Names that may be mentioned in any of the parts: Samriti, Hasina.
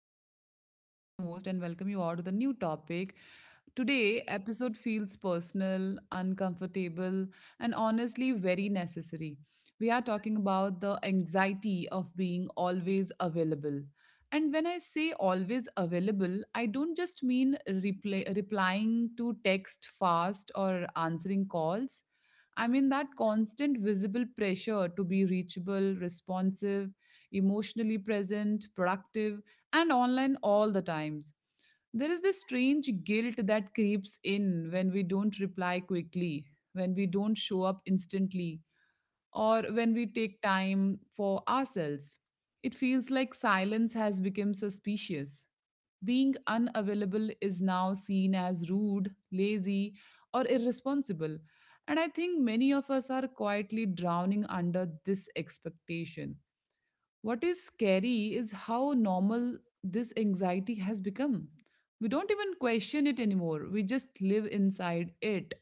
I am Samriti, your host, and welcome you all to the new topic. Today, episode feels personal, uncomfortable, and honestly very necessary. We are talking about the anxiety of being always available. And when I say always available, I don't just mean replying to text fast or answering calls. I mean, that constant visible pressure to be reachable, responsive, emotionally present, productive, and online all the times. There is this strange guilt that creeps in when we don't reply quickly, when we don't show up instantly, or when we take time for ourselves. It feels like silence has become suspicious. Being unavailable is now seen as rude, lazy, or irresponsible. And I think many of us are quietly drowning under this expectation. What is scary is how normal this anxiety has become. We don't even question it anymore, we just live inside it.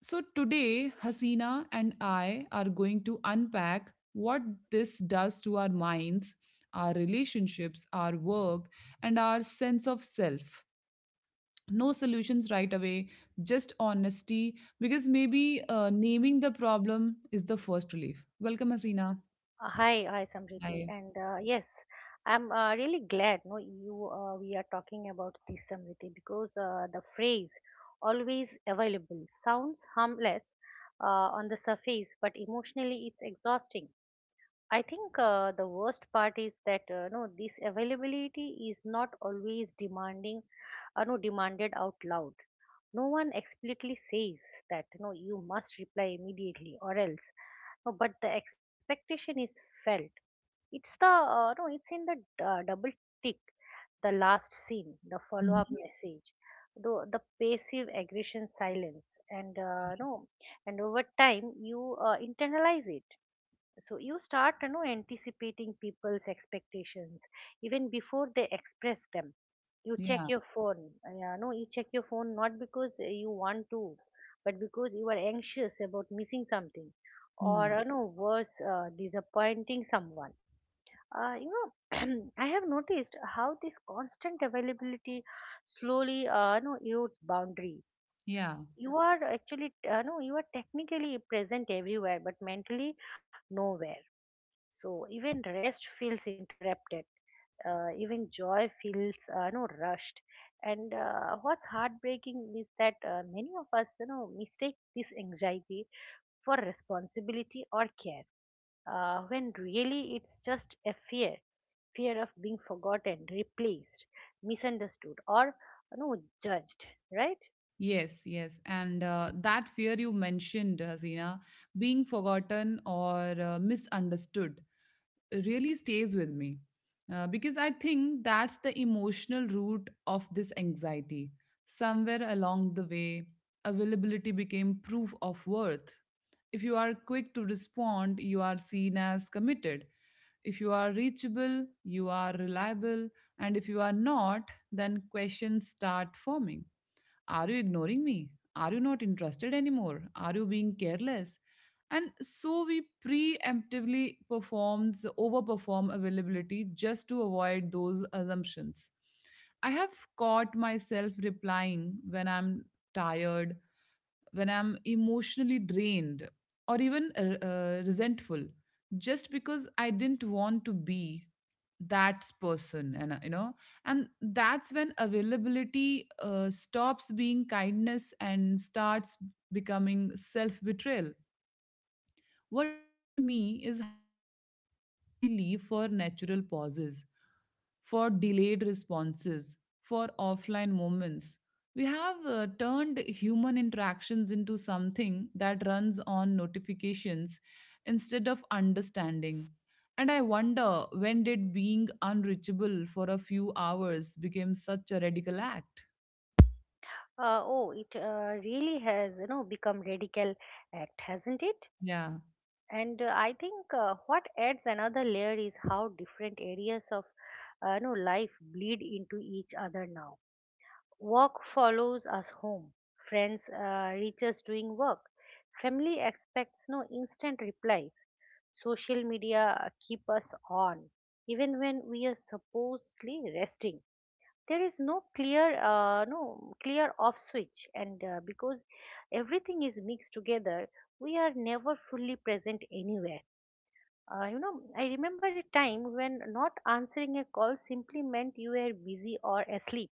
So, today, Hasina and I are going to unpack what this does to our minds, our relationships, our work, and our sense of self. No solutions right away, just honesty, because maybe naming the problem is the first relief. Welcome, Hasina. Hi, Samriti, Hi. and yes, I'm really glad no you we are talking about this Samriti because the phrase always available sounds harmless on the surface, but emotionally it's exhausting. I think the worst part is that no, this availability is not always demanding, no, demanded out loud. No one explicitly says that no, you must reply immediately or else. No, but the expectation is felt. It's the no, it's in the double tick, the last scene, the follow-up Mhm. message, the passive aggression silence, and no, and over time you internalize it. So you start, anticipating people's expectations even before they express them. You check Yeah. your phone. Yeah, no, you check your phone not because you want to, but because you are anxious about missing something, or Hmm. No, worse, disappointing someone. I have noticed how this constant availability slowly, erodes boundaries. Yeah. You are actually, no, You are technically present everywhere, but mentally nowhere. So even rest feels interrupted. Even joy feels, no, rushed. And what's heartbreaking is that many of us, mistake this anxiety for responsibility or care, when really it's just a fear of being forgotten, replaced, misunderstood, or you know, judged, right? Yes, yes. And that fear you mentioned, Hasina, being forgotten or misunderstood really stays with me. Because I think that's the emotional root of this anxiety. Somewhere along the way, availability became proof of worth. If you are quick to respond, you are seen as committed. If you are reachable, you are reliable. And if you are not, then questions start forming, are you ignoring me? Are you not interested anymore? Are you being careless? And so we preemptively performs overperform availability just to avoid those assumptions. I have caught myself replying when I'm tired, when I'm emotionally drained, or even resentful, just because I didn't want to be that person. And and that's when availability stops being kindness and starts becoming self betrayal. What worries me is how little space we leave for natural pauses, for delayed responses, for offline moments. We have turned human interactions into something that runs on notifications instead of understanding. And I wonder, when did being unreachable for a few hours become such a radical act? Oh, it really has, become radical act, hasn't it? Yeah. And I think, what adds another layer is how different areas of, life bleed into each other now. Work follows us home. Friends reach us doing work. Family expects no, instant replies. Social media keep us on, even when we are supposedly resting. There is no clear off switch, and because everything is mixed together, we are never fully present anywhere. I remember a time when not answering a call simply meant you were busy or asleep.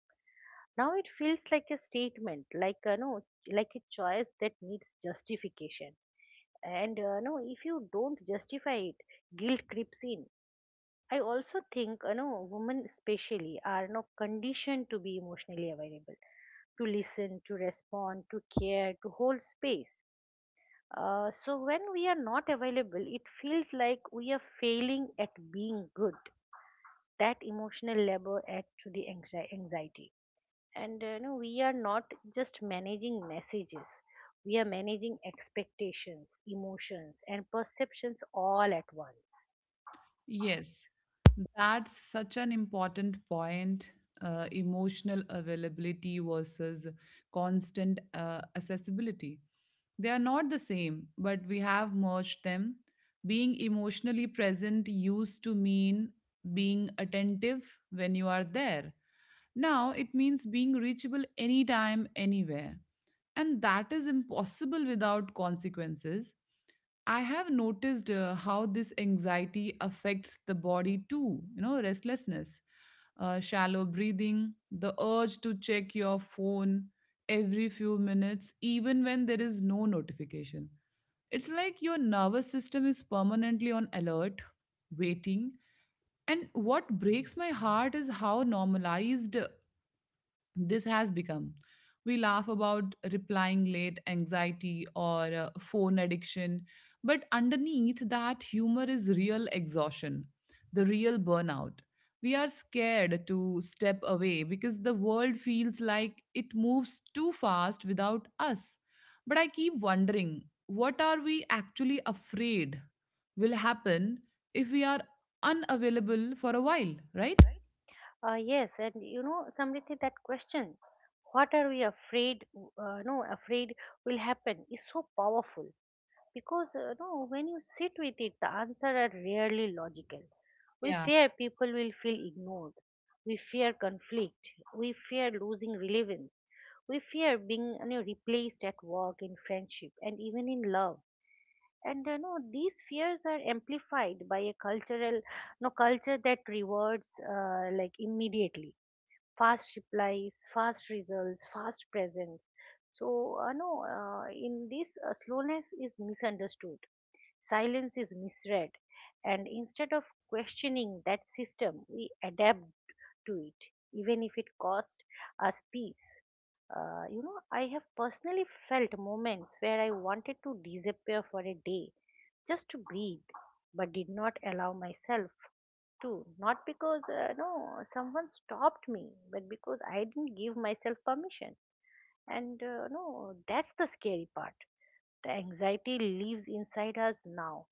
Now it feels like a statement, like a no, like a choice that needs justification. And no, if you don't justify it, guilt creeps in. I also think, women especially are, no, conditioned to be emotionally available, to listen, to respond, to care, to hold space, so when we are not available, it feels like we are failing at being good. That emotional labor adds to the anxiety, and we are not just managing messages, we are managing expectations, emotions, and perceptions all at once. Yes, that's such an important point. Emotional availability versus constant accessibility. They are not the same, but we have merged them. Being emotionally present used to mean being attentive when you are there. Now it means being reachable anytime, anywhere. And that is impossible without consequences. I have noticed how this anxiety affects the body too, you know, restlessness, shallow breathing, the urge to check your phone every few minutes, even when there is no notification. It's like your nervous system is permanently on alert, waiting. And what breaks my heart is how normalized this has become. We laugh about replying late anxiety or phone addiction, but underneath that humor is real exhaustion, the real burnout. We are scared to step away because the world feels like it moves too fast without us. But I keep wondering, what are we actually afraid will happen if we are unavailable for a while, right? Yes, and Samriti, that question, what are we afraid, no, afraid will happen, is so powerful, because no, when you sit with it, the answer are rarely logical. We Yeah. fear people will feel ignored, we fear conflict, we fear losing relevance. We fear being, replaced at work, in friendship, and even in love. And these fears are amplified by a cultural, culture that rewards, like, immediately, fast replies, fast results, fast presence. So no, in this slowness is misunderstood, silence is misread, and instead of questioning that system, we adapt to it, even if it cost us peace. I have personally felt moments where I wanted to disappear for a day, just to breathe, but did not allow myself to. Not because, no, someone stopped me, but because I didn't give myself permission. And, no, that's the scary part. The anxiety lives inside us now.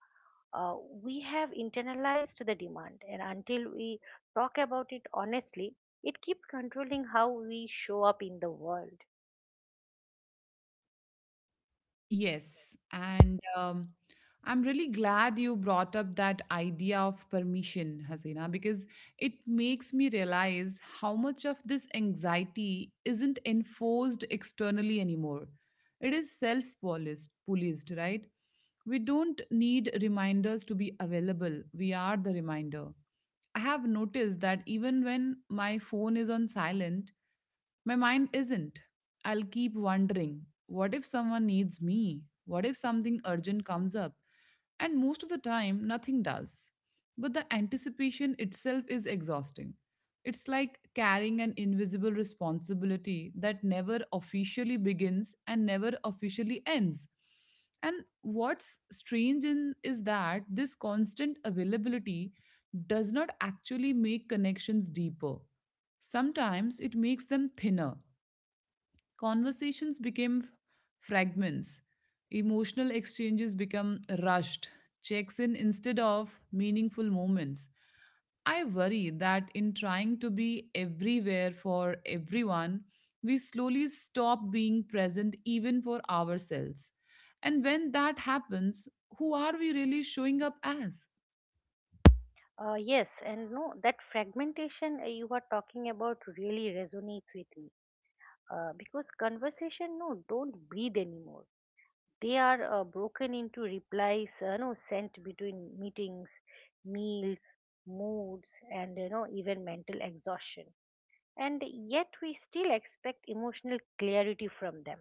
Uh, we have internalized the demand, and until we talk about it honestly, it keeps controlling how we show up in the world. Yes, and I'm really glad you brought up that idea of permission, Hasina, because it makes me realize how much of this anxiety isn't enforced externally anymore. It is self-policed, policed, policed, right? We don't need reminders to be available. We are the reminder. I have noticed that even when my phone is on silent, my mind isn't. I'll keep wondering, what if someone needs me? What if something urgent comes up? And most of the time, nothing does. But the anticipation itself is exhausting. It's like carrying an invisible responsibility that never officially begins and never officially ends. And what's strange in is that this constant availability does not actually make connections deeper. Sometimes it makes them thinner. Conversations become fragments. Emotional exchanges become rushed, checks in instead of meaningful moments. I worry that in trying to be everywhere for everyone, we slowly stop being present even for ourselves. And when that happens, who are we really showing up as? Yes, and no, that fragmentation, you are talking about, really resonates with me, because conversation, no, don't breathe anymore. They are broken into replies, no, sent between meetings, meals, moods, and even mental exhaustion. And yet we still expect emotional clarity from them.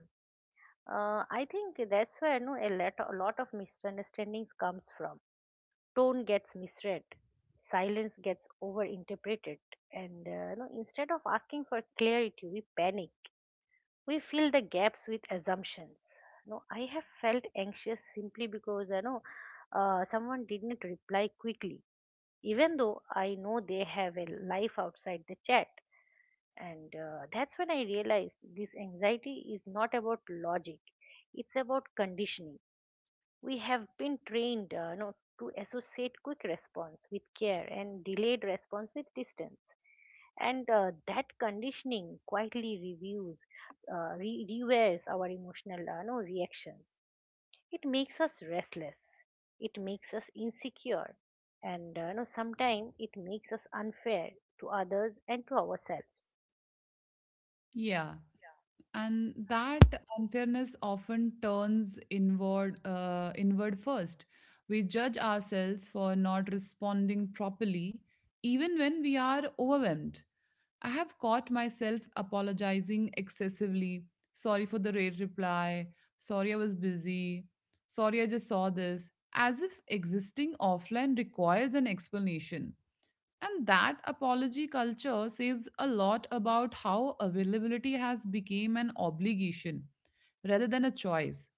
I think that's where, no, a lot of misunderstandings comes from. Tone gets misread, silence gets overinterpreted, and instead of asking for clarity, we panic. We fill the gaps with assumptions. No, I have felt anxious simply because I know someone didn't reply quickly, even though I know they have a life outside the chat. And that's when I realized this anxiety is not about logic; it's about conditioning. We have been trained, no, to associate quick response with care and delayed response with distance. And that conditioning quietly reviews, rewears our emotional, no, reactions. It makes us restless. It makes us insecure. And no, sometimes it makes us unfair to others and to ourselves. Yeah. And that unfairness often turns inward first. We judge ourselves for not responding properly even when we are overwhelmed. I have caught myself apologizing excessively, sorry for the late reply, sorry I was busy, sorry I just saw this, as if existing offline requires an explanation. And that apology culture says a lot about how availability has become an obligation rather than a choice.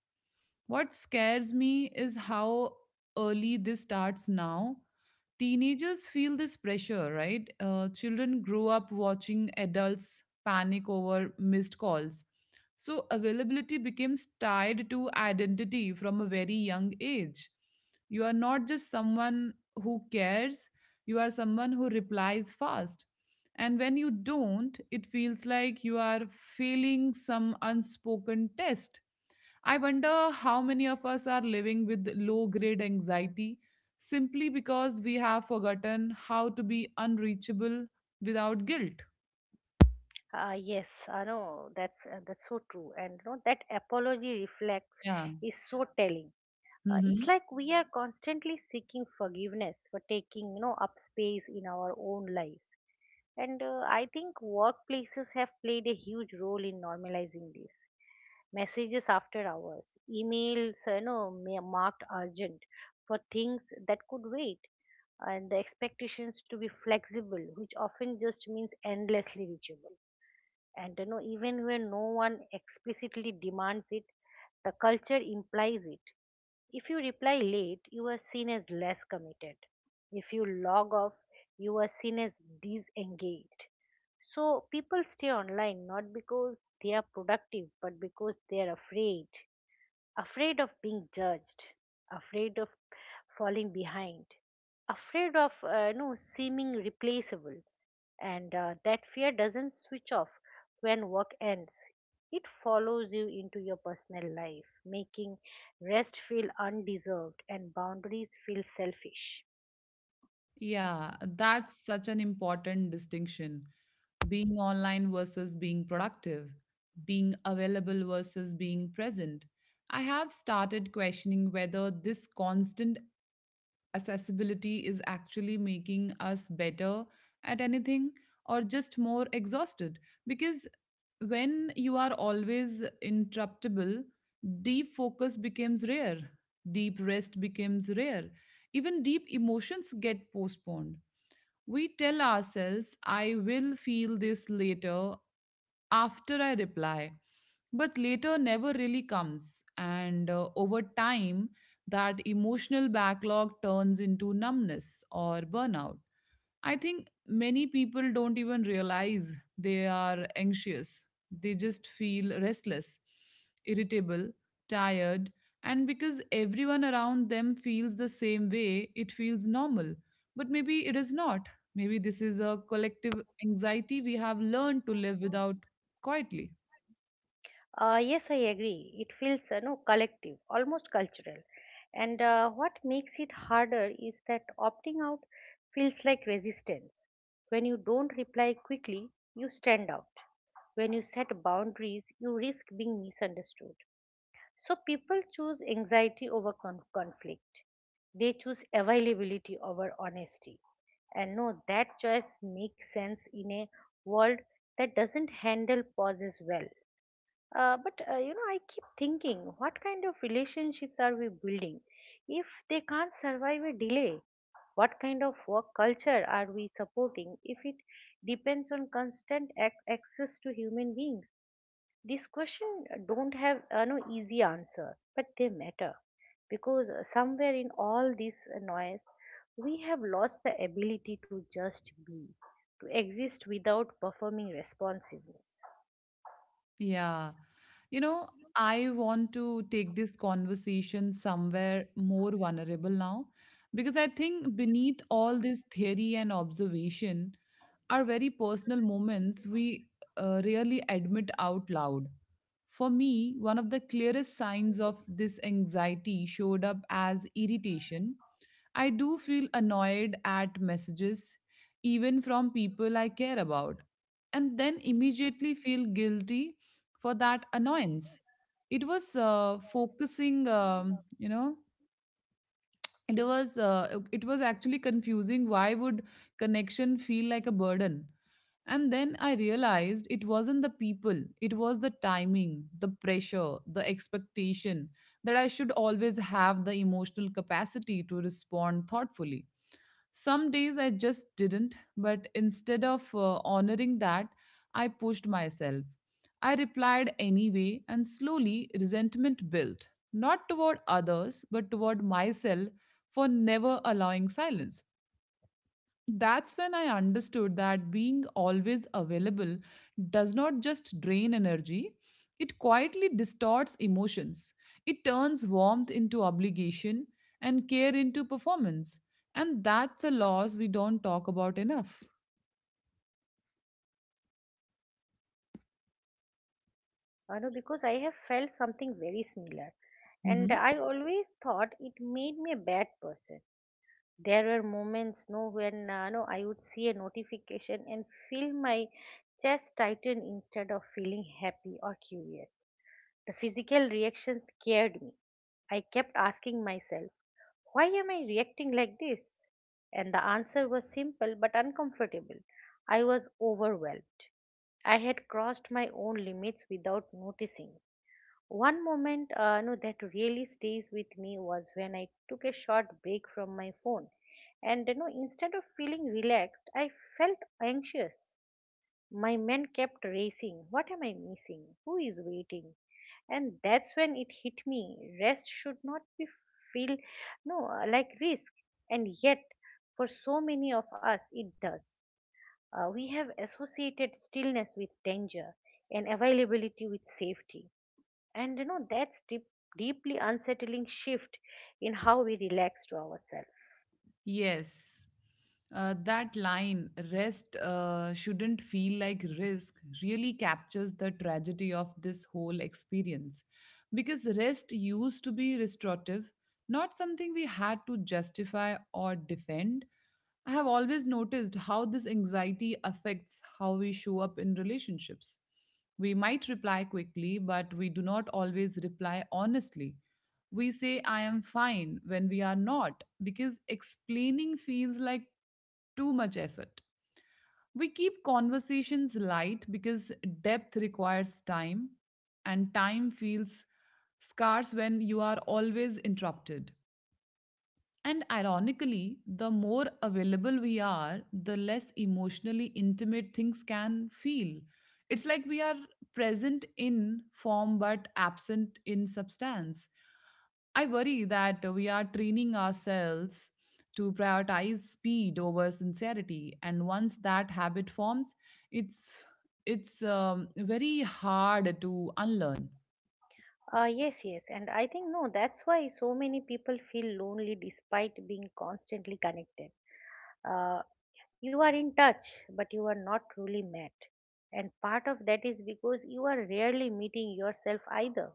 What scares me is how early this starts now. Teenagers feel this pressure, right? Children grow up watching adults panic over missed calls. So, availability becomes tied to identity from a very young age. You are not just someone who cares, you are someone who replies fast. And when you don't, it feels like you are failing some unspoken test. I wonder how many of us are living with low grade anxiety simply because we have forgotten how to be unreachable without guilt. Yes, I know that's so true, and that apology reflex Yeah. is so telling. It's Hmm. like we are constantly seeking forgiveness for taking, up space in our own lives. And I think workplaces have played a huge role in normalizing this. Messages after hours, emails, marked urgent for things that could wait, and the expectations to be flexible, which often just means endlessly reachable. And even when no one explicitly demands it, the culture implies it. If you reply late, you are seen as less committed. If you log off, you are seen as disengaged. So people stay online, not because they are productive, but because they are afraid. Afraid of being judged, afraid of falling behind, afraid of, no, seeming replaceable, and that fear doesn't switch off when work ends. It follows you into your personal life, making rest feel undeserved and boundaries feel selfish. Yeah. That's such an important distinction. Being online versus being productive, being available versus being present. I have started questioning whether this constant accessibility is actually making us better at anything, or just more exhausted, because when you are always interruptible, deep focus becomes rare, deep rest becomes rare, even deep emotions get postponed. We tell ourselves I will feel this later, after I reply, but later never really comes, and over time that emotional backlog turns into numbness or burnout. I think many people don't even realize they are anxious. They just feel restless, irritable, tired, and because everyone around them feels the same way, it feels normal. But maybe it is not. Maybe this is a collective anxiety we have learned to live without quietly. Yes, I agree. It feels, no, collective, almost cultural. And what makes it harder is that opting out feels like resistance. When you don't reply quickly, you stand out. When you set boundaries, you risk being misunderstood. So people choose anxiety over conflict. They choose availability over honesty. And no, that choice makes sense in a world that doesn't handle pauses well. But I keep thinking, what kind of relationships are we building if they can't survive a delay? What kind of work culture are we supporting if it depends on constant access to human beings? These questions don't have, no, easy answer, but they matter because, somewhere in all this noise, we have lost the ability to just be, to exist without performing responsiveness. Yeah. You know, I want to take this conversation somewhere more vulnerable now, because I think beneath all this theory and observation are very personal moments we rarely admit out loud. For me, one of the clearest signs of this anxiety showed up as irritation. I do feel annoyed at messages, even from people I care about, and then immediately feel guilty for that annoyance. It was focusing, you know, it was actually confusing. Why would connection feel like a burden? And then I realized it wasn't the people, it was the timing, the pressure, the expectation that I should always have the emotional capacity to respond thoughtfully. Some days I just didn't, but instead of honoring that, I pushed myself. I replied anyway, and slowly resentment built, not toward others, but toward myself for never allowing silence. That's when I understood that being always available does not just drain energy, it quietly distorts emotions. It turns warmth into obligation and care into performance. And that's a loss we don't talk about enough. I know, because I have felt something very similar, and Mm-hmm. I always thought it made me a bad person. There were moments, no, when, no, I would see a notification and feel my chest tighten instead of feeling happy or curious. The physical reaction scared me. I kept asking myself, why am I reacting like this? And the answer was simple but uncomfortable. I was overwhelmed. I had crossed my own limits without noticing. One moment, no, that really stays with me was when I took a short break from my phone. And, instead of feeling relaxed, I felt anxious. My mind kept racing. What am I missing? Who is waiting? And that's when it hit me. Rest should not be, feel, no, like, risk. And yet, for so many of us, it does. We have associated stillness with danger and availability with safety, and that's deep, deeply unsettling shift in how we relax to ourselves. Yes. That line, rest shouldn't feel like risk, really captures the tragedy of this whole experience. Because rest used to be restorative, not something we had to justify or defend. I have always noticed how this anxiety affects how we show up in relationships. We might reply quickly, but we do not always reply honestly. We say, I am fine, when we are not, because explaining feels like too much effort. We keep conversations light because depth requires time, and time feels scarce when you are always interrupted. And ironically, the more available we are, the less emotionally intimate things can feel. It's like we are present in form but absent in substance. I worry that we are training ourselves to prioritize speed over sincerity, and once that habit forms, it's it's very hard to unlearn. Yes, yes, and I think, no, that's why so many people feel lonely despite being constantly connected. uh, you are in touch, but you are not truly met. And part of that is because you are rarely meeting yourself either.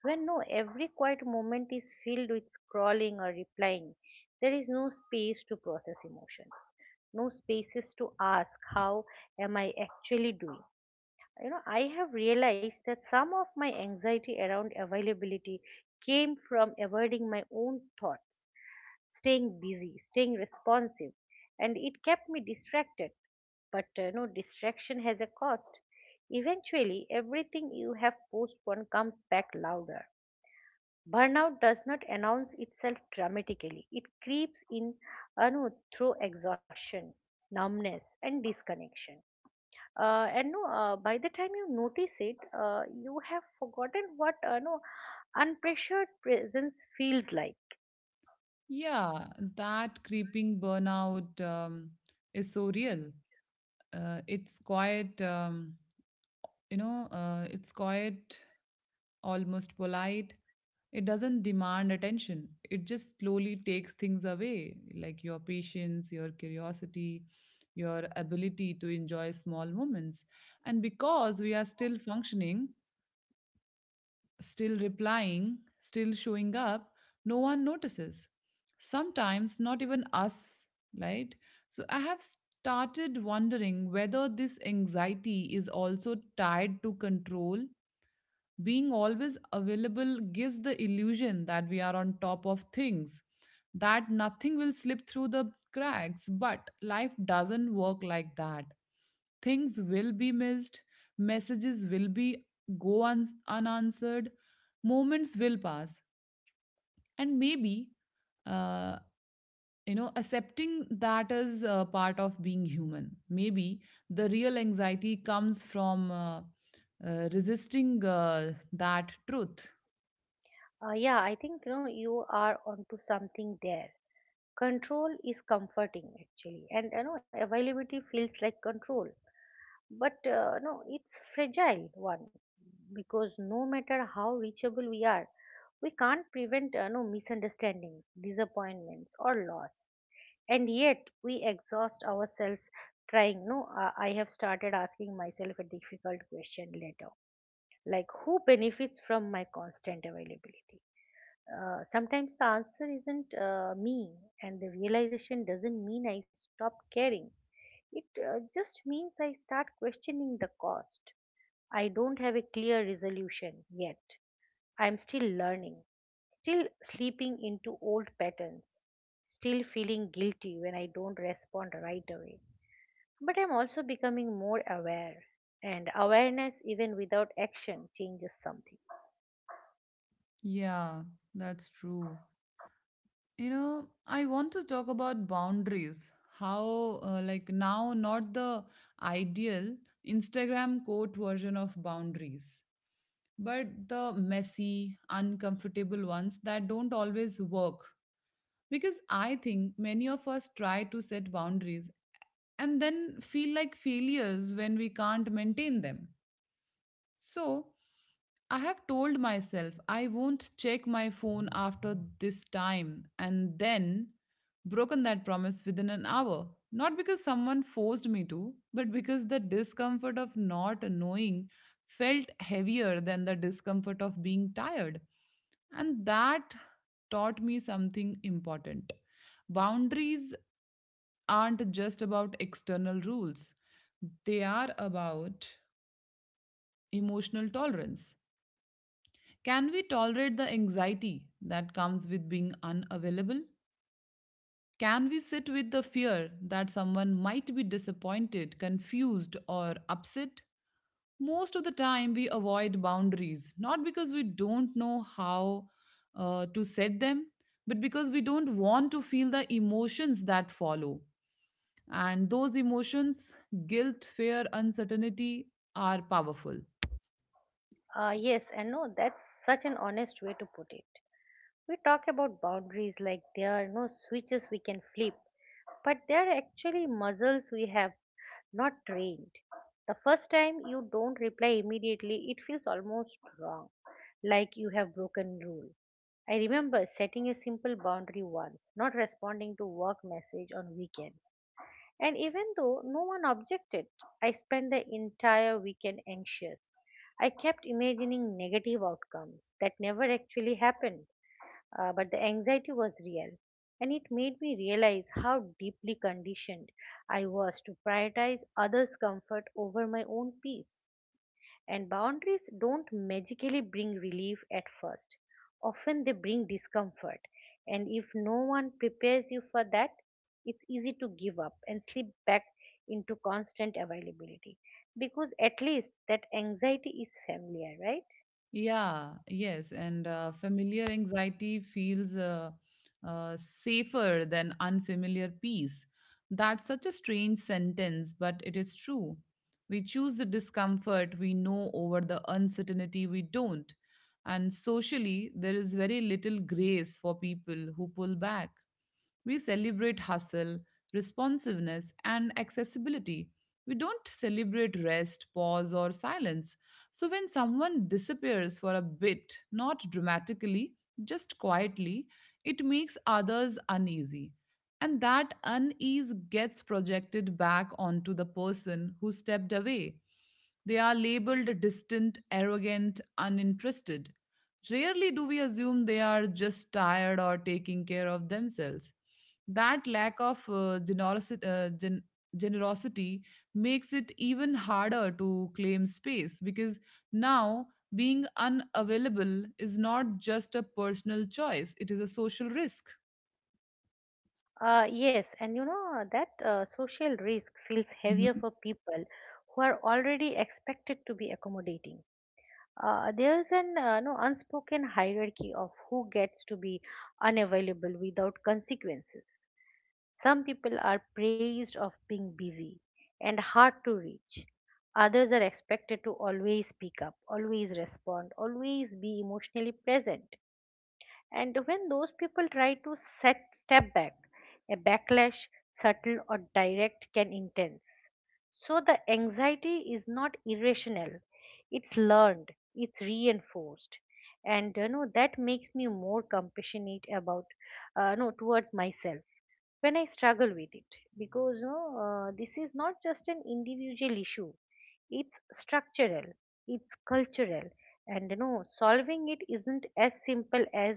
When, no, every quiet moment is filled with scrolling or replying, there is no space to process emotions, no spaces to ask, how am I actually doing? I have realized that some of my anxiety around availability came from avoiding my own thoughts, staying busy, staying responsive, and it kept me distracted. But no, distraction has a cost. Eventually, everything you have postponed comes back louder. Burnout does not announce itself dramatically. It creeps in, no, through exhaustion, numbness, and disconnection. And no, by the time you notice it, you have forgotten what, no, unpressured presence feels like. Yeah, that creeping burnout is so real. It's quite. You know It's quiet, almost polite. It doesn't demand attention, it just slowly takes things away, like your patience, your curiosity, your ability to enjoy small moments. And because we are still functioning, still replying, still showing up, no one notices, sometimes not even us, right? So I have started wondering whether this anxiety is also tied to control. Being always available gives the illusion that we are on top of things, that nothing will slip through the cracks, but life doesn't work like that. Things will be missed, messages will be unanswered, moments will pass, and maybe uh, accepting that is part of being human. Maybe the real anxiety comes from resisting that truth. Yeah, I think, you are onto something there. Control is comforting actually, and availability feels like control. But no, it's fragile one, because no matter how reachable we are, we can't prevent, no, misunderstandings, disappointments, or loss. And yet we exhaust ourselves trying. No, I have started asking myself a difficult question later, like, who benefits from my constant availability? Sometimes the answer isn't, me, and the realization doesn't mean I stop caring. It just means I start questioning the cost. I don't have a clear resolution yet. I'm still learning, still slipping into old patterns, still feeling guilty when I don't respond right away. But I'm also becoming more aware, and awareness, even without action, changes something. Yeah, that's true. You know, I want to talk about boundaries. Not the ideal Instagram quote version of boundaries, but the messy, uncomfortable ones that don't always work. Because I think many of us try to set boundaries and then feel like failures when we can't maintain them. So I have told myself I won't check my phone after this time and then broken that promise within an hour. Not because someone forced me to, but because the discomfort of not knowing felt heavier than the discomfort of being tired. And that taught me something important. Boundaries aren't just about external rules, they are about emotional tolerance. Can we tolerate the anxiety that comes with being unavailable? Can we sit with the fear that someone might be disappointed, confused, or upset? Most of the time, we avoid boundaries, not because we don't know how to set them, but because we don't want to feel the emotions that follow. And those emotions, guilt, fear, uncertainty, are powerful. Yes, and no, that's such an honest way to put it. We talk about boundaries like there are no switches we can flip, but they are actually muscles we have not trained. The first time you don't reply immediately, it feels almost wrong, like you have broken rule. I remember setting a simple boundary once, not responding to work message on weekends. And even though no one objected, I spent the entire weekend anxious. I kept imagining negative outcomes that never actually happened, but the anxiety was real. And it made me realize how deeply conditioned I was to prioritize others' comfort over my own peace. And boundaries don't magically bring relief at first. Often they bring discomfort. And if no one prepares you for that, it's easy to give up and slip back into constant availability. Because at least that anxiety is familiar, right? Yeah, yes, and familiar anxiety feels safer than unfamiliar peace. That's such a strange sentence, but it is true. We choose the discomfort we know over the uncertainty we don't. And socially, there is very little grace for people who pull back. We celebrate hustle, responsiveness, and accessibility. We don't celebrate rest, pause, or silence. So when someone disappears for a bit, not dramatically, just quietly, it makes others uneasy. And that unease gets projected back onto the person who stepped away. They are labeled distant, arrogant, uninterested. Rarely do we assume they are just tired or taking care of themselves. That lack of generosity makes it even harder to claim space because now, being unavailable is not just a personal choice, it is a social risk. Yes, and that social risk feels heavier Mhm. for people who are already expected to be accommodating. There's an no unspoken hierarchy of who gets to be unavailable without consequences. Some people are praised of being busy and hard to reach. Others are expected to always speak up, always respond, always be emotionally present. And when those people try to set step back, a backlash, subtle or direct, can intense. So the anxiety is not irrational. It's learned, it's reinforced. And that makes me more compassionate about, no towards myself when I struggle with it, because this is not just an individual issue, it's structural, it's cultural, and solving it isn't as simple as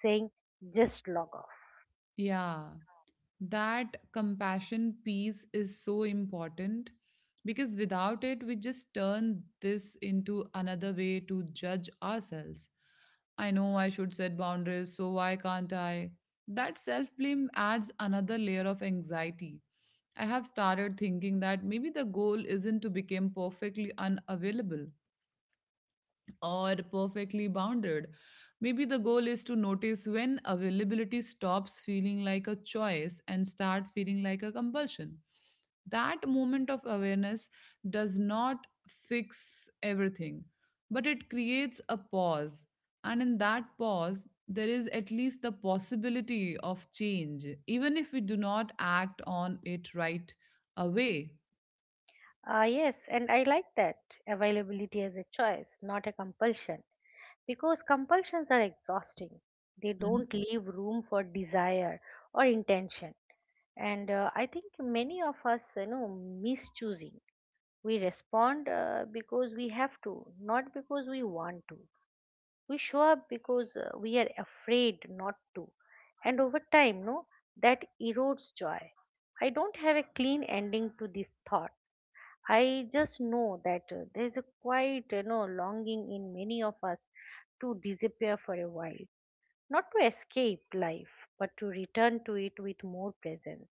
saying, just log off. Yeah, that compassion piece is so important because without it, we just turn this into another way to judge ourselves. I know I should set boundaries, so why can't I? That self blame adds another layer of anxiety. I have started thinking that maybe the goal isn't to become perfectly unavailable, or perfectly bounded. Maybe the goal is to notice when availability stops feeling like a choice and start feeling like a compulsion. That moment of awareness does not fix everything, but it creates a pause. And in that pause, there is at least the possibility of change, even if we do not act on it right away. Yes, and I like that, availability as a choice, not a compulsion, because compulsions are exhausting, they Mm-hmm. don't leave room for desire or intention. And I think many of us mischoosing. We respond, because we have to, not because we want to. We show up because we are afraid not to. And over time, no that erodes joy. I don't have a clean ending to this thought. I just know that there is a quite longing in many of us to disappear for a while, not to escape life, but to return to it with more presence.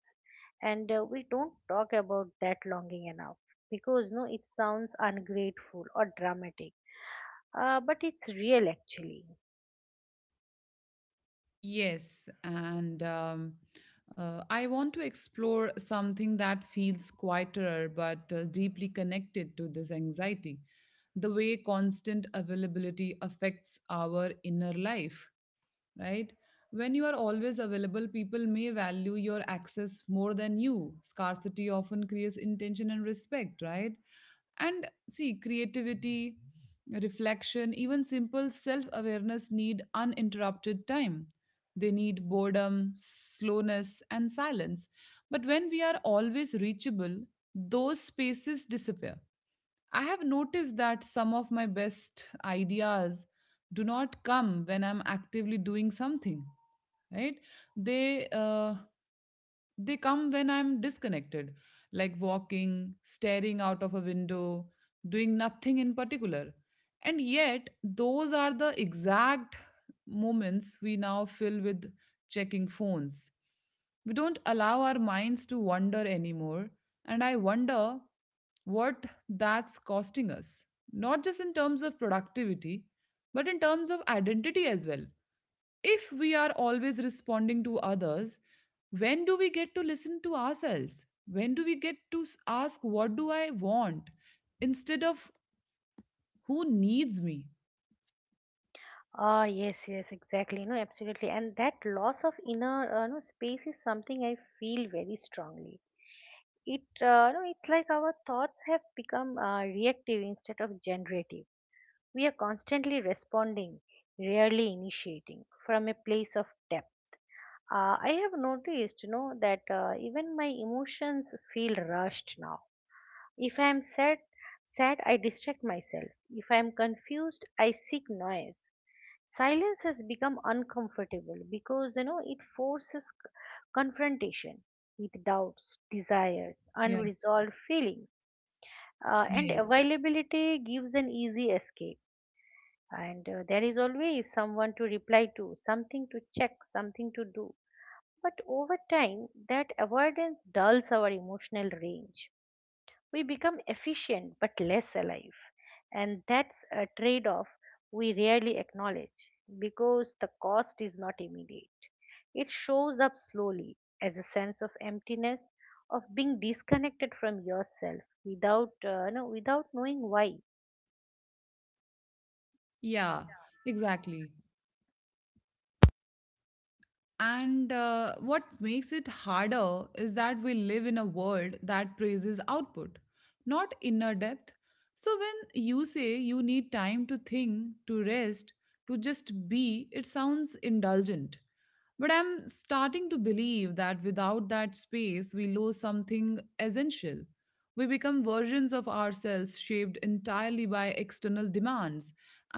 And we don't talk about that longing enough because no it sounds ungrateful or dramatic. But it's real, actually. Yes, and I want to explore something that feels quieter but deeply connected to this anxiety, the way constant availability affects our inner life, right? When you are always available, people may value your access more than you. Scarcity often creates intention and respect, right? And see, creativity, reflection, even simple self awareness need uninterrupted time. They need boredom, slowness, and silence. But when we are always reachable, those spaces disappear. I have noticed that some of my best ideas do not come when I'm actively doing something, right? They uh, they come when I'm disconnected, like walking, staring out of a window, doing nothing in particular. And yet, those are the exact moments we now fill with checking phones. We don't allow our minds to wander anymore, and I wonder what that's costing us, not just in terms of productivity, but in terms of identity as well. If we are always responding to others, when do we get to listen to ourselves? When do we get to ask, what do I want, instead of who needs me? Yes, yes, exactly. No, absolutely. And that loss of inner, no, space is something I feel very strongly. It, no, it's like our thoughts have become reactive instead of generative. We are constantly responding, rarely initiating from a place of depth. I have noticed, that even my emotions feel rushed now. If I am sad, I distract myself. If I am confused, I seek noise. Silence has become uncomfortable because it forces confrontation with doubts, desires, Yeah. unresolved feelings. And Yes. availability gives an easy escape. And there is always someone to reply to, something to check, something to do. But over time that avoidance dulls our emotional range. We become efficient but less alive. And that's a trade off we rarely acknowledge because the cost is not immediate. It shows up slowly as a sense of emptiness, of being disconnected from yourself without knowing why. Yeah, exactly. And what makes it harder is that we live in a world that praises output, not inner depth. So when you say you need time to think, to rest, to just be, it sounds indulgent. But I'm starting to believe that without that space, we lose something essential. We become versions of ourselves shaped entirely by external demands,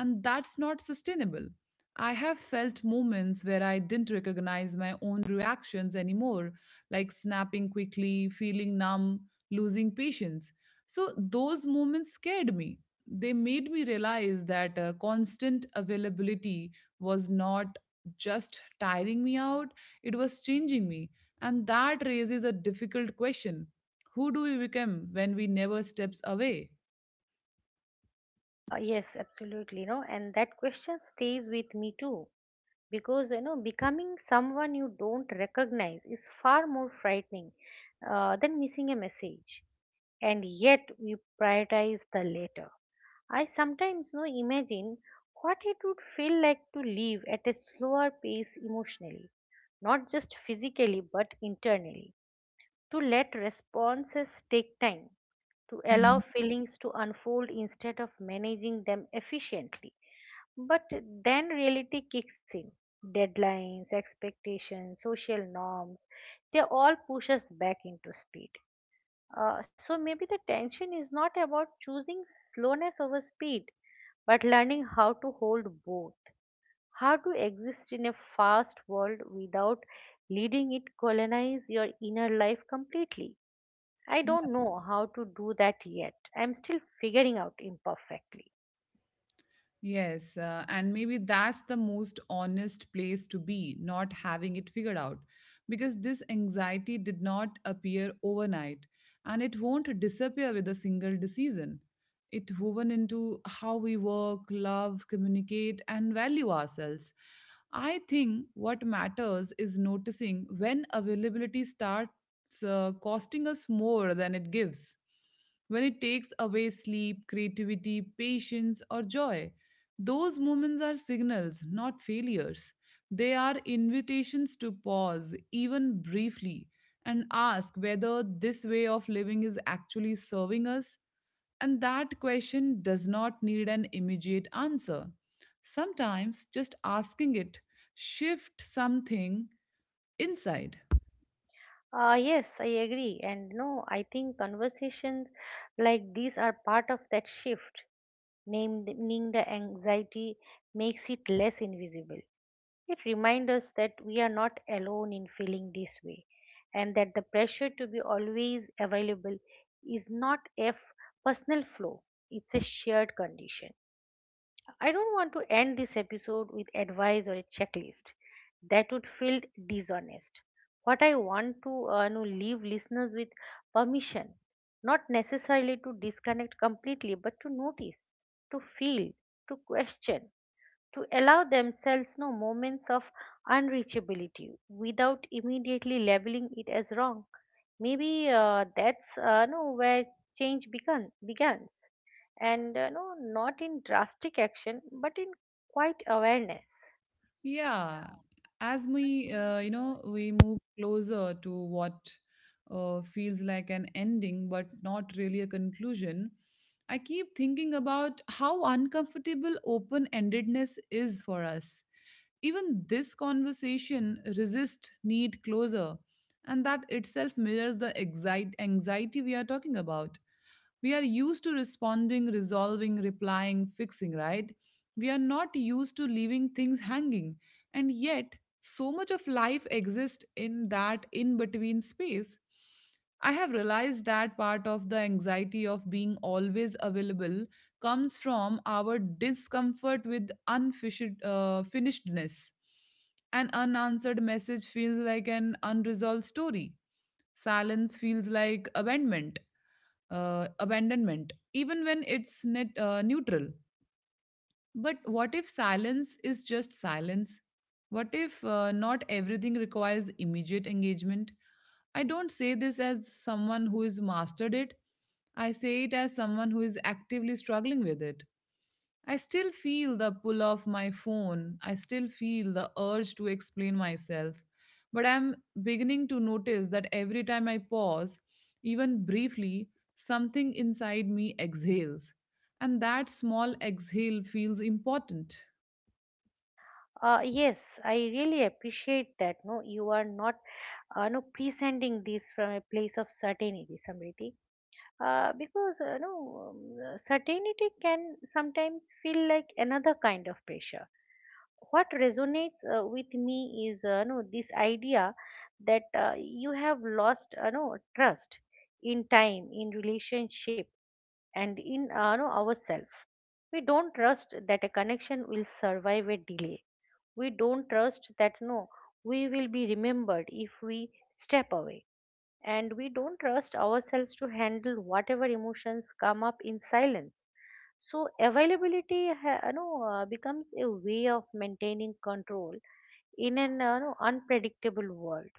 and that's not sustainable. I have felt moments where I didn't recognize my own reactions anymore, like snapping quickly, feeling numb, losing patience. So, those moments scared me. They made me realize that constant availability was not just tiring me out, it was changing me. And that raises a difficult question: who do we become when we never steps away? Yes, absolutely. No, and that question stays with me too, because becoming someone you don't recognize is far more frightening than missing a message. And yet we prioritize the latter. I sometimes no imagine what it would feel like to live at a slower pace emotionally, not just physically but internally, to let responses take time, to allow feelings to unfold instead of managing them efficiently. But then reality kicks in. Deadlines, expectations, social norms, they all push us back into speed. So maybe the tension is not about choosing slowness over speed, but learning how to hold both, how to exist in a fast world without leading it colonize your inner life completely. I don't Mhm. know how to do that yet. I'm still figuring out imperfectly. Yes, and maybe that's the most honest place to be, not having it figured out. Because this anxiety did not appear overnight, and it won't disappear with a single decision. It woven into how we work, love, communicate, and value ourselves. I think what matters is noticing when availability starts costing us more than it gives, when it takes away sleep, creativity, patience, or joy. Those moments are signals, not failures. They are invitations to pause, even briefly, and ask whether this way of living is actually serving us. And that question does not need an immediate answer. Sometimes just asking it shifts something inside. Yes, I agree. And no, I think conversations like these are part of that shift. Naming the anxiety makes it less invisible. It reminds us that we are not alone in feeling this way, and that the pressure to be always available is not a personal flaw, it's a shared condition. I don't want to end this episode with advice or a checklist. That would feel dishonest. What I want to leave listeners with permission, not necessarily to disconnect completely, but to notice, to feel, to question, to allow themselves moments of unreachability without immediately labeling it as wrong. Maybe that's no where change begun begins. And not in drastic action, but in quite awareness. Yeah, as we, we move closer to what feels like an ending, but not really a conclusion, I keep thinking about how uncomfortable open endedness is for us. Even this conversation resists need closure, and that itself mirrors the anxiety we are talking about. We are used to responding, resolving, replying, fixing, right? We are not used to leaving things hanging. And yet, so much of life exists in that in between space. I have realized that part of the anxiety of being always available comes from our discomfort with unfinished finishedness. An unanswered message feels like an unresolved story. Silence feels like abandonment, even when it's neutral. But what if silence is just silence? What if not everything requires immediate engagement? I don't say this as someone who is mastered it. I say it as someone who is actively struggling with it. I still feel the pull of my phone. I still feel the urge to explain myself. But I'm beginning to notice that every time I pause, even briefly, something inside me exhales. And that small exhale feels important. Yes, I really appreciate that, you are not no presenting this from a place of certainty, Samriti, because certainty can sometimes feel like another kind of pressure. What resonates with me is no this idea that you have lost no trust in time, in relationship, and in ourselves. We don't trust that a connection will survive a delay. We don't trust that no we will be remembered if we step away. And we don't trust ourselves to handle whatever emotions come up in silence. So availability, becomes a way of maintaining control in an unpredictable world.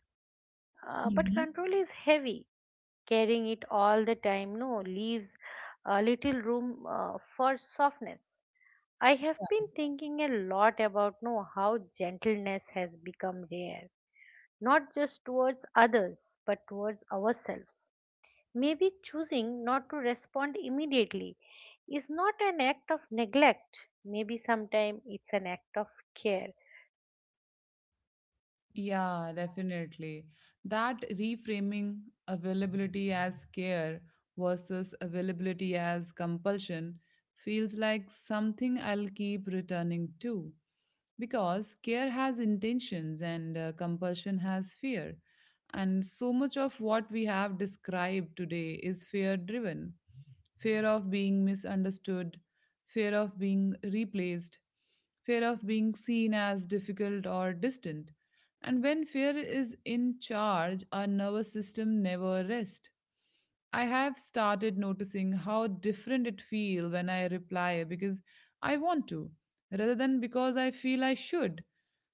But control is heavy. Carrying it all the time, no, leaves a little room for softness. I have been thinking a lot about no how gentleness has become rare, not just towards others, but towards ourselves. Maybe choosing not to respond immediately is not an act of neglect. Maybe sometimes it's an act of care. Yeah, definitely. That reframing availability as care versus availability as compulsion feels like something I'll keep returning to, because care has intentions and compulsion has fear. And so much of what we have described today is fear driven: fear of being misunderstood, fear of being replaced, fear of being seen as difficult or distant. And when fear is in charge, our nervous system never rests. I have started noticing how different it feels when I reply because I want to, rather than because I feel I should.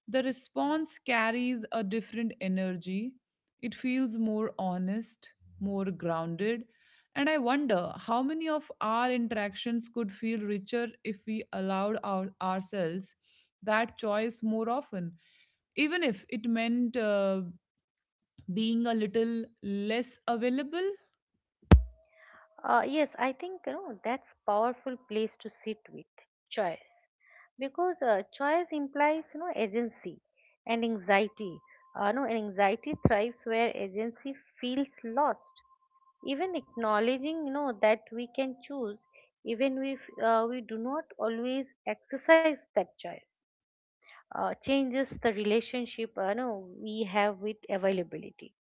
The response carries a different energy. It feels more honest, more grounded, and I wonder how many of our interactions could feel richer if we allowed ourselves that choice more often, even if it meant being a little less available. Yes, I think that's powerful place to sit with choice, because choice implies agency and anxiety. No, Anxiety thrives where agency feels lost. Even acknowledging that we can choose, even if we do not always exercise that choice, changes the relationship no, we have with availability.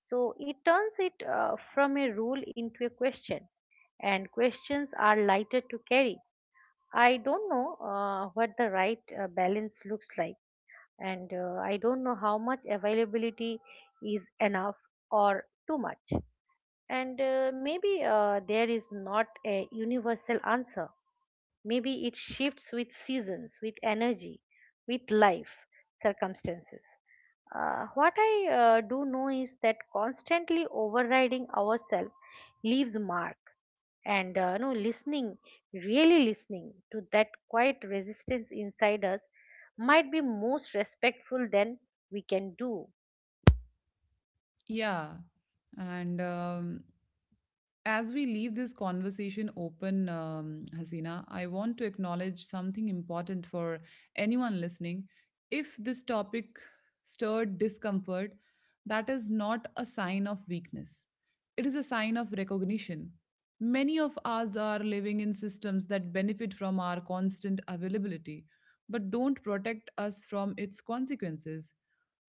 So it turns it, from a rule into a question, and questions are lighter to carry. I don't know what the right balance looks like, and I don't know how much availability is enough or too much. And maybe there is not a universal answer. Maybe it shifts with seasons, with energy, with life circumstances. What I do know is that constantly overriding ourselves leaves mark, and no listening, really listening to that quiet resistance inside us, might be most respectful than we can do. Yeah. And as we leave this conversation open, Hasina, I want to acknowledge something important for anyone listening. If this topic stirred discomfort, that is not a sign of weakness, it is a sign of recognition. Many of us are living in systems that benefit from our constant availability, but don't protect us from its consequences.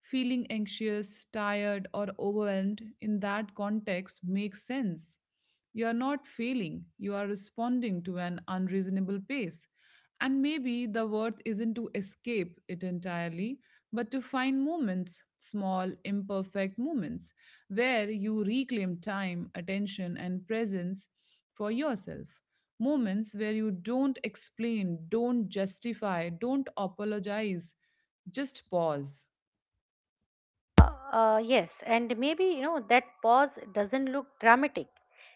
Feeling anxious, tired, or overwhelmed in that context makes sense. You are not failing, you are responding to an unreasonable pace. And maybe the worth isn't to escape it entirely, but to find moments, small, imperfect moments, where you reclaim time, attention, and presence for yourself. Moments where you don't explain, don't justify, don't apologize, just pause. Yes, and maybe that pause doesn't look dramatic.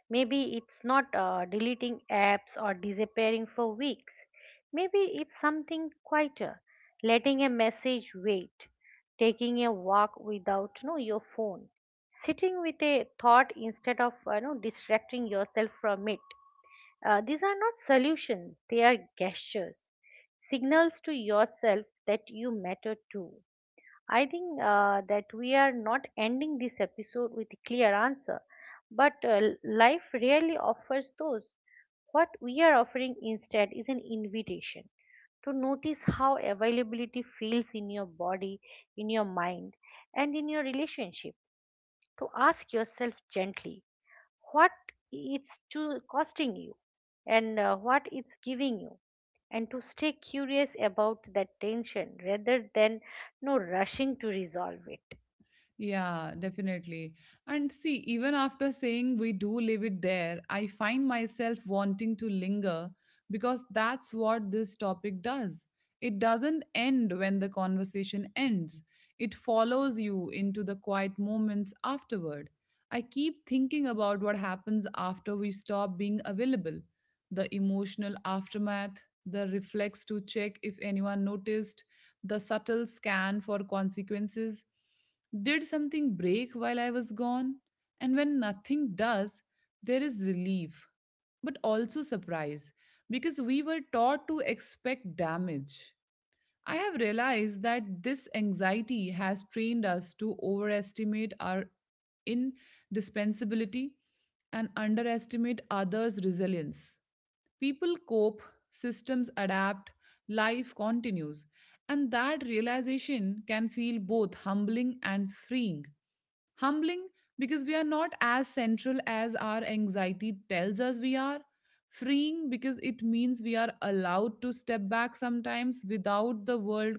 Maybe it's not deleting apps or disappearing for weeks. Maybe it's something quieter, letting a message wait, taking a walk without your phone, sitting with a thought instead of distracting yourself from it. These are not solutions; they are gestures, signals to yourself that you matter too. I think that we are not ending this episode with a clear answer, but life rarely offers those. What we are offering instead is an invitation to notice how availability feels in your body, in your mind, and in your relationship. To ask yourself gently what it's to costing you, and what it's giving you, and to stay curious about that tension rather than no rushing to resolve it. Yeah, definitely. And see, even after saying we do leave it there, I find myself wanting to linger because that's what this topic does. It doesn't end when the conversation ends, it follows you into the quiet moments afterward. I keep thinking about what happens after we stop being available: the emotional aftermath, the reflex to check if anyone noticed, the subtle scan for consequences. Did something break while I was gone? And when nothing does, there is relief, but also surprise, because we were taught to expect damage. I have realized that this anxiety has trained us to overestimate our indispensability and underestimate others' resilience. People cope, systems adapt, life continues, and that realization can feel both humbling and freeing. Humbling because we are not as central as our anxiety tells us we are. Freeing because it means we are allowed to step back sometimes without the world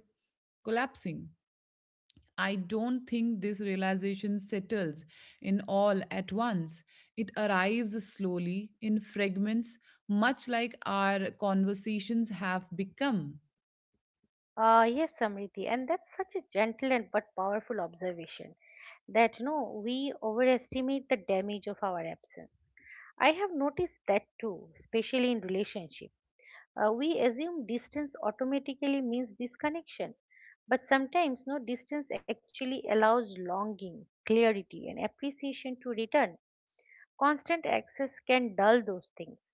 collapsing. I don't think this realization settles in all at once. It arrives slowly in fragments, much like our conversations have become. Yes, Samriti, and that's such a gentle and but powerful observation, that no we overestimate the damage of our absence. I have noticed that too, especially in relationships. We assume distance automatically means disconnection, but sometimes no distance actually allows longing, clarity, and appreciation to return. Constant access can dull those things.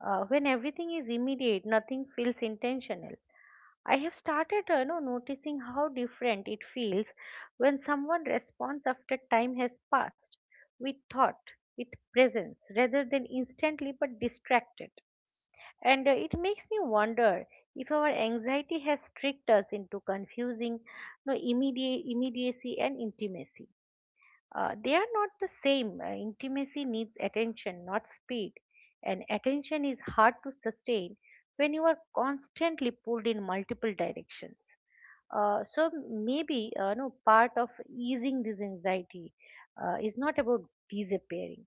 When everything is immediate, nothing feels intentional. I have started noticing how different it feels when someone responds after time has passed, with thought, with presence, rather than instantly but distracted. And it makes me wonder if our anxiety has tricked us into confusing immediacy and intimacy. They are not the same. Intimacy needs attention, not speed. And attention is hard to sustain when you are constantly pulled in multiple directions. So maybe no part of easing this anxiety is not about disappearing,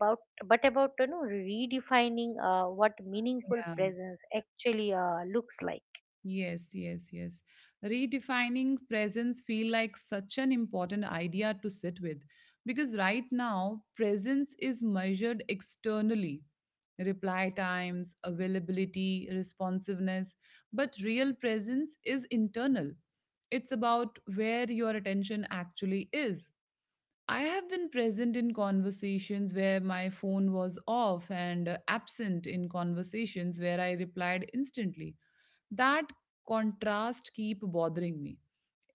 but about redefining what meaningful presence actually looks like. Yes, yes, yes. Redefining presence feel like such an important idea to sit with because right now presence is measured externally. Reply times, availability, responsiveness, but real presence is internal. It's about where your attention actually is. I have been present in conversations where my phone was off and absent in conversations where I replied instantly. That contrast keep bothering me.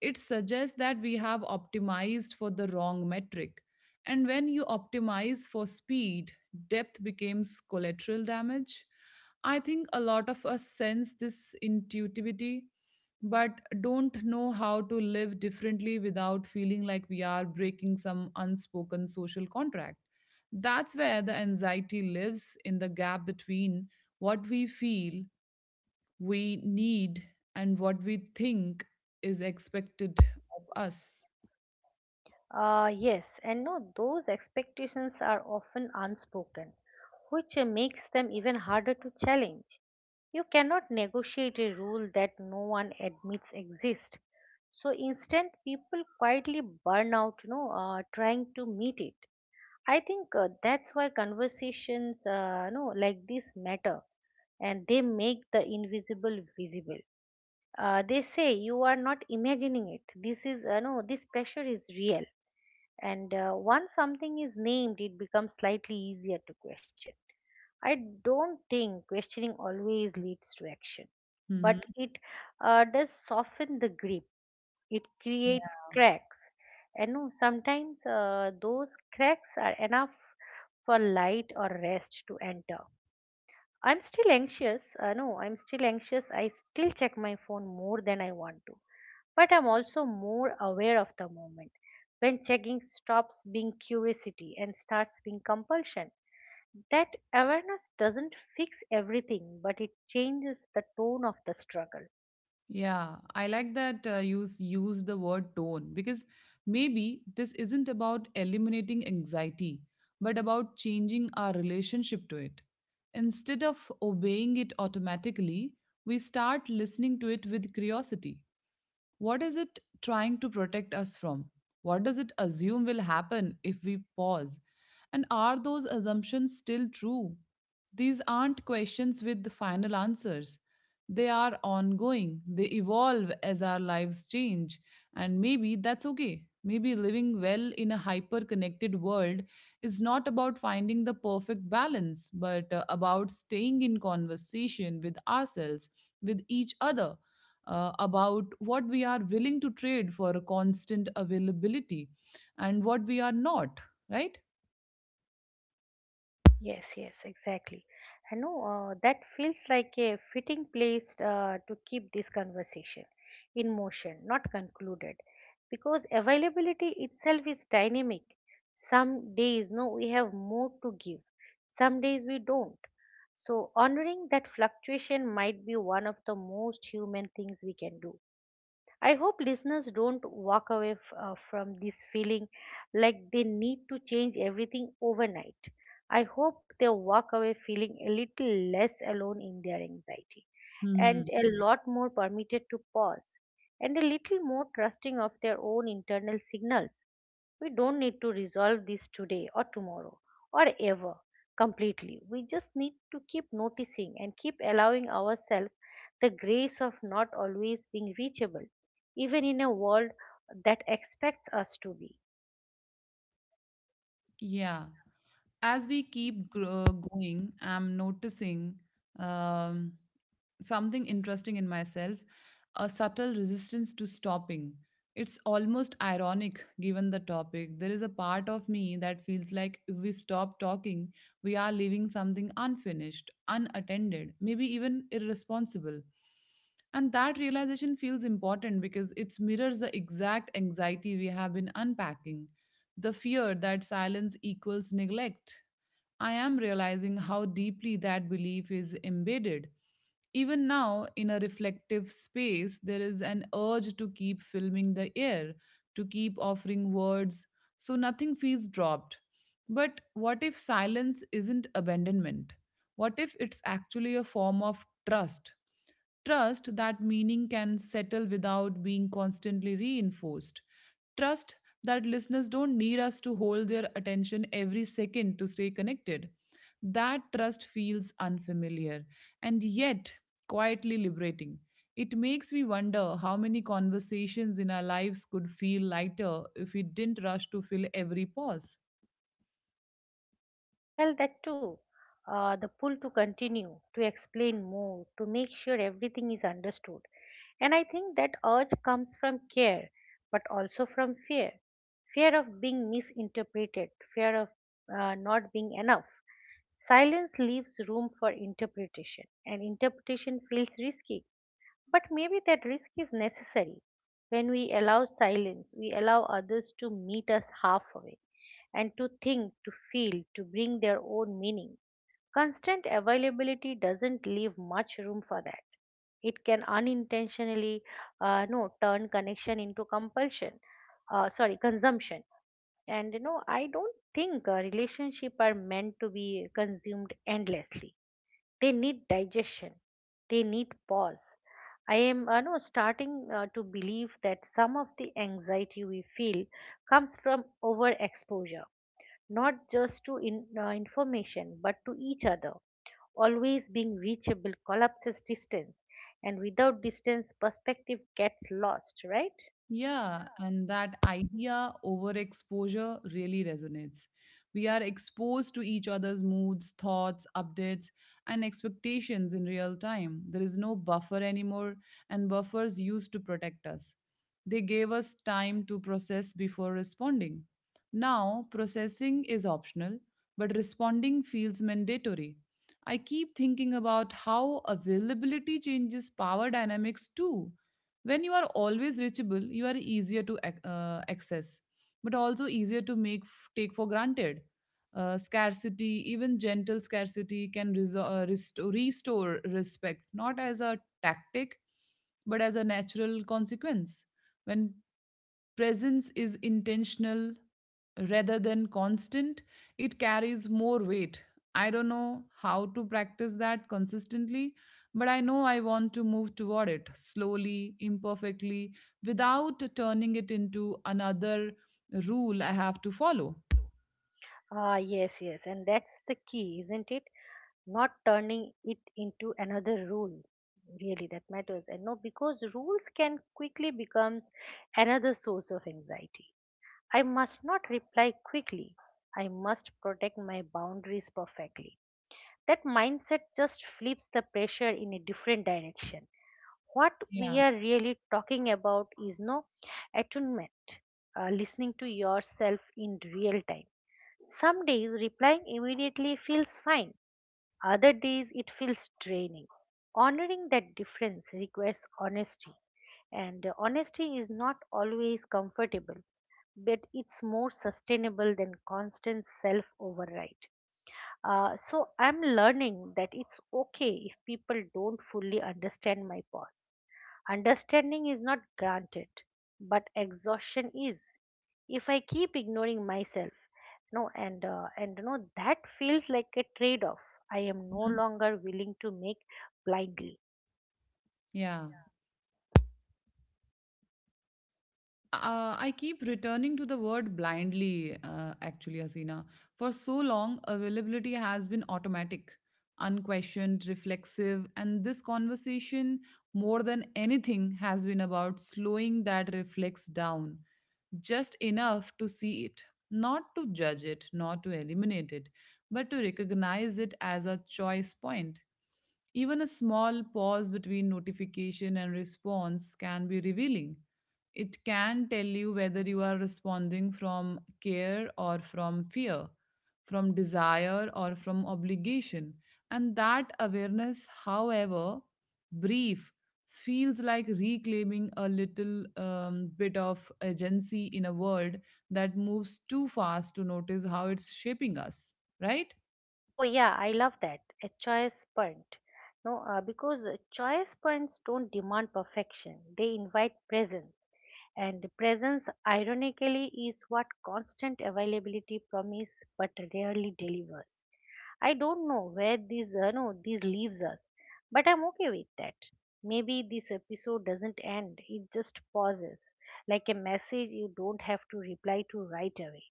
It suggests that we have optimized for the wrong metric. And when you optimize for speed, depth becomes collateral damage. I think a lot of us sense this intuitivity but don't know how to live differently without feeling like we are breaking some unspoken social contract. That's where the anxiety lives in the gap between what we feel we need and what we think is expected of us. Yes, and no, those expectations are often unspoken, which makes them even harder to challenge. You cannot negotiate a rule that no one admits exists. So instead, people quietly burn out, trying to meet it. I think that's why conversations, no, like this matter, and they make the invisible visible. They say you are not imagining it. This is, no, This pressure is real, and once something is named, it becomes slightly easier to question. I don't think questioning always leads to action, but Mhm. it does soften the grip. It creates cracks. And no, sometimes those cracks are enough for light or rest to enter. I'm still anxious. No, I'm still anxious. I still check my phone more than I want to, but I'm also more aware of the moment. When checking stops being curiosity and starts being compulsion, that awareness doesn't fix everything, but it changes the tone of the struggle. Yeah, I like that use the word tone because maybe this isn't about eliminating anxiety, but about changing our relationship to it. Instead of obeying it automatically, we start listening to it with curiosity. What is it trying to protect us from? What does it assume will happen if we pause? And are those assumptions still true? These aren't questions with the final answers. They are ongoing, they evolve as our lives change. And maybe that's okay. Maybe living well in a hyper connected world is not about finding the perfect balance, but about staying in conversation with ourselves, with each other about what we are willing to trade for a constant availability and what we are not, right? Yes, yes, exactly. I know that feels like a fitting place to keep this conversation in motion, not concluded, because availability itself is dynamic. Some days, no, we have more to give, some days we don't. So, honoring that fluctuation might be one of the most human things we can do. I hope listeners don't walk away from this feeling like they need to change everything overnight. I hope they walk away feeling a little less alone in their anxiety, Hmm. and a lot more permitted to pause, and a little more trusting of their own internal signals. We don't need to resolve this today or tomorrow or ever completely. We just need to keep noticing and keep allowing ourselves the grace of not always being reachable, even in a world that expects us to be. Yeah. As we keep going, I'm noticing Um, something interesting in myself, a subtle resistance to stopping. It's almost ironic given the topic. There is a part of me that feels like if we stop talking, we are leaving something unfinished, unattended, maybe even irresponsible. And that realization feels important because it mirrors the exact anxiety we have been unpacking, the fear that silence equals neglect. I am realizing how deeply that belief is embedded. Even now, in a reflective space, there is an urge to keep filming the air, to keep offering words, so nothing feels dropped. But what if silence isn't abandonment? What if it's actually a form of trust? Trust that meaning can settle without being constantly reinforced. Trust that listeners don't need us to hold their attention every second to stay connected. That trust feels unfamiliar and yet quietly liberating. It makes me wonder how many conversations in our lives could feel lighter if we didn't rush to fill every pause. I felt that too. The pull to continue, to explain more, to make sure everything is understood. And I think that urge comes from care, but also from fear, fear of being misinterpreted, fear of not being enough. Silence leaves room for interpretation, and interpretation feels risky, but maybe that risk is necessary. When we allow silence, we allow others to meet us halfway and to think, to feel, to bring their own meaning. Constant availability doesn't leave much room for that. It can unintentionally no turn connection into compulsion, sorry, consumption. And you know, I don't think a relationship are meant to be consumed endlessly, they need digestion. They need pause. I am no, starting to believe that some of the anxiety we feel comes from overexposure, not just to information, but to each other. Always being reachable collapses distance, and without distance, perspective gets lost, right? Yeah, and that idea, overexposure, really resonates. We are exposed to each other's moods, thoughts, updates, and expectations in real time. There is no buffer anymore, and buffers used to protect us. They gave us time to process before responding. Now, processing is optional, but responding feels mandatory. I keep thinking about how availability changes power dynamics too. When you are always reachable, you are easier to access, but also easier to make take for granted. Scarcity, even gentle scarcity, can restore respect, not as a tactic, but as a natural consequence. When presence is intentional rather than constant, it carries more weight. I don't know how to practice that consistently, but I know I want to move toward it slowly, imperfectly, without turning it into another rule I have to follow. Ah, yes, yes, and that's the key, isn't it? Not turning it into another rule really that matters. And no Because rules can quickly becomes another source of anxiety. I must not reply quickly, I must protect my boundaries perfectly. That mindset just flips the pressure in a different direction. what we Yeah. are really talking about is no attunement, listening to yourself in real time. Some days replying immediately feels fine, other days it feels draining. Honoring that difference requires honesty, and honesty is not always comfortable, but it's more sustainable than constant self override. So I'm learning that it's okay if people don't fully understand my pause. Understanding is not granted, but exhaustion is. If I keep ignoring myself, no, and no, that feels like a trade-off I am no Mhm. longer willing to make blindly. Yeah. I keep returning to the word blindly, actually, Asina. For so long, availability has been automatic, unquestioned, reflexive, and this conversation, more than anything, has been about slowing that reflex down just enough to see it, not to judge it, not to eliminate it, but to recognize it as a choice point. Even a small pause between notification and response can be revealing. It can tell you whether you are responding from care or from fear, from desire or from obligation. And that awareness, however brief, feels like reclaiming a little bit of agency in a world that moves too fast to notice how it's shaping us, right? Oh yeah, I love that, a choice point. No, because choice points don't demand perfection; they invite presence. And presence, ironically, is what constant availability promise, but rarely delivers. I don't know where these, no, these leaves us, but I'm okay with that. Maybe this episode doesn't end; it just pauses, like a message you don't have to reply to right away.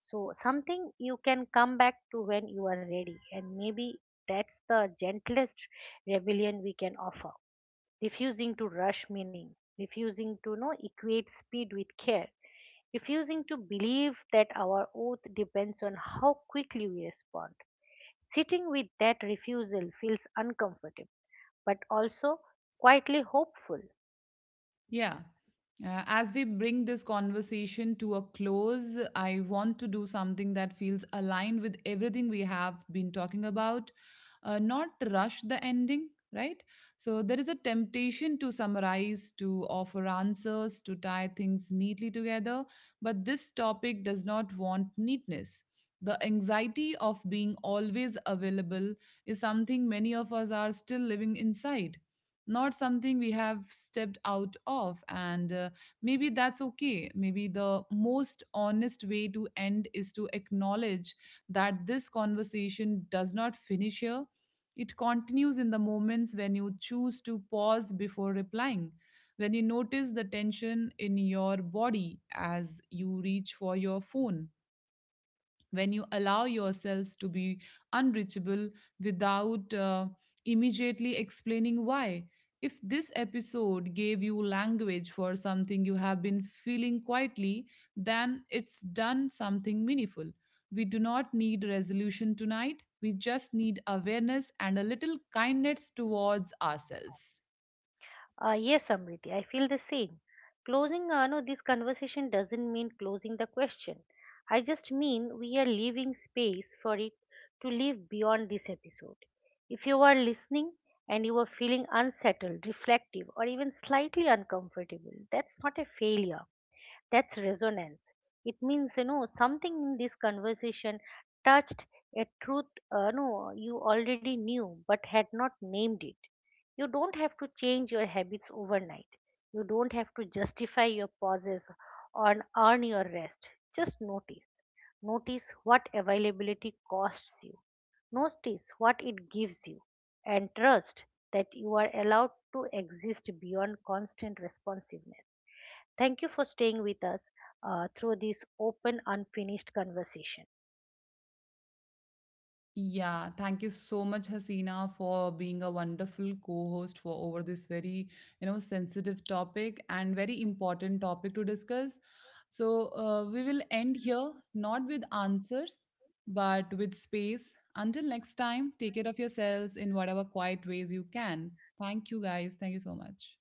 So, something you can come back to when you are ready, and maybe that's the gentlest rebellion we can offer. Refusing to rush meaning, refusing to equate speed with care, refusing to believe that our oath depends on how quickly we respond. Sitting with that refusal feels uncomfortable, but also quietly hopeful. Yeah. As we bring this conversation to a close, I want to do something that feels aligned with everything we have been talking about, not rush the ending, right? So, there is a temptation to summarize, to offer answers, to tie things neatly together, but this topic does not want neatness. The anxiety of being always available is something many of us are still living inside, not something we have stepped out of, and maybe that's okay. Maybe the most honest way to end is to acknowledge that this conversation does not finish here. It continues in the moments when you choose to pause before replying, when you notice the tension in your body as you reach for your phone, when you allow yourselves to be unreachable without immediately explaining why. If this episode gave you language for something you have been feeling quietly, then it's done something meaningful. We do not need resolution tonight. We just need awareness and a little kindness towards ourselves. Yes, Amriti, I feel the same. Closing this conversation doesn't mean closing the question. I just mean we are leaving space for it to live beyond this episode. If you are listening and you are feeling unsettled, reflective, or even slightly uncomfortable, that's not a failure, that's resonance. It means something in this conversation touched a truth no you already knew but had not named it. You don't have to change your habits overnight, you don't have to justify your pauses or earn your rest. Just notice. Notice what availability costs you, notice what it gives you, and trust that you are allowed to exist beyond constant responsiveness. Thank you for staying with us through this open, unfinished conversation. Yeah, thank you so much, Hasina, for being a wonderful co-host for over this very, you know, sensitive topic and very important topic to discuss. So we will end here, not with answers, but with space. Until next time, take care of yourselves in whatever quiet ways you can. Thank you, guys. Thank you so much.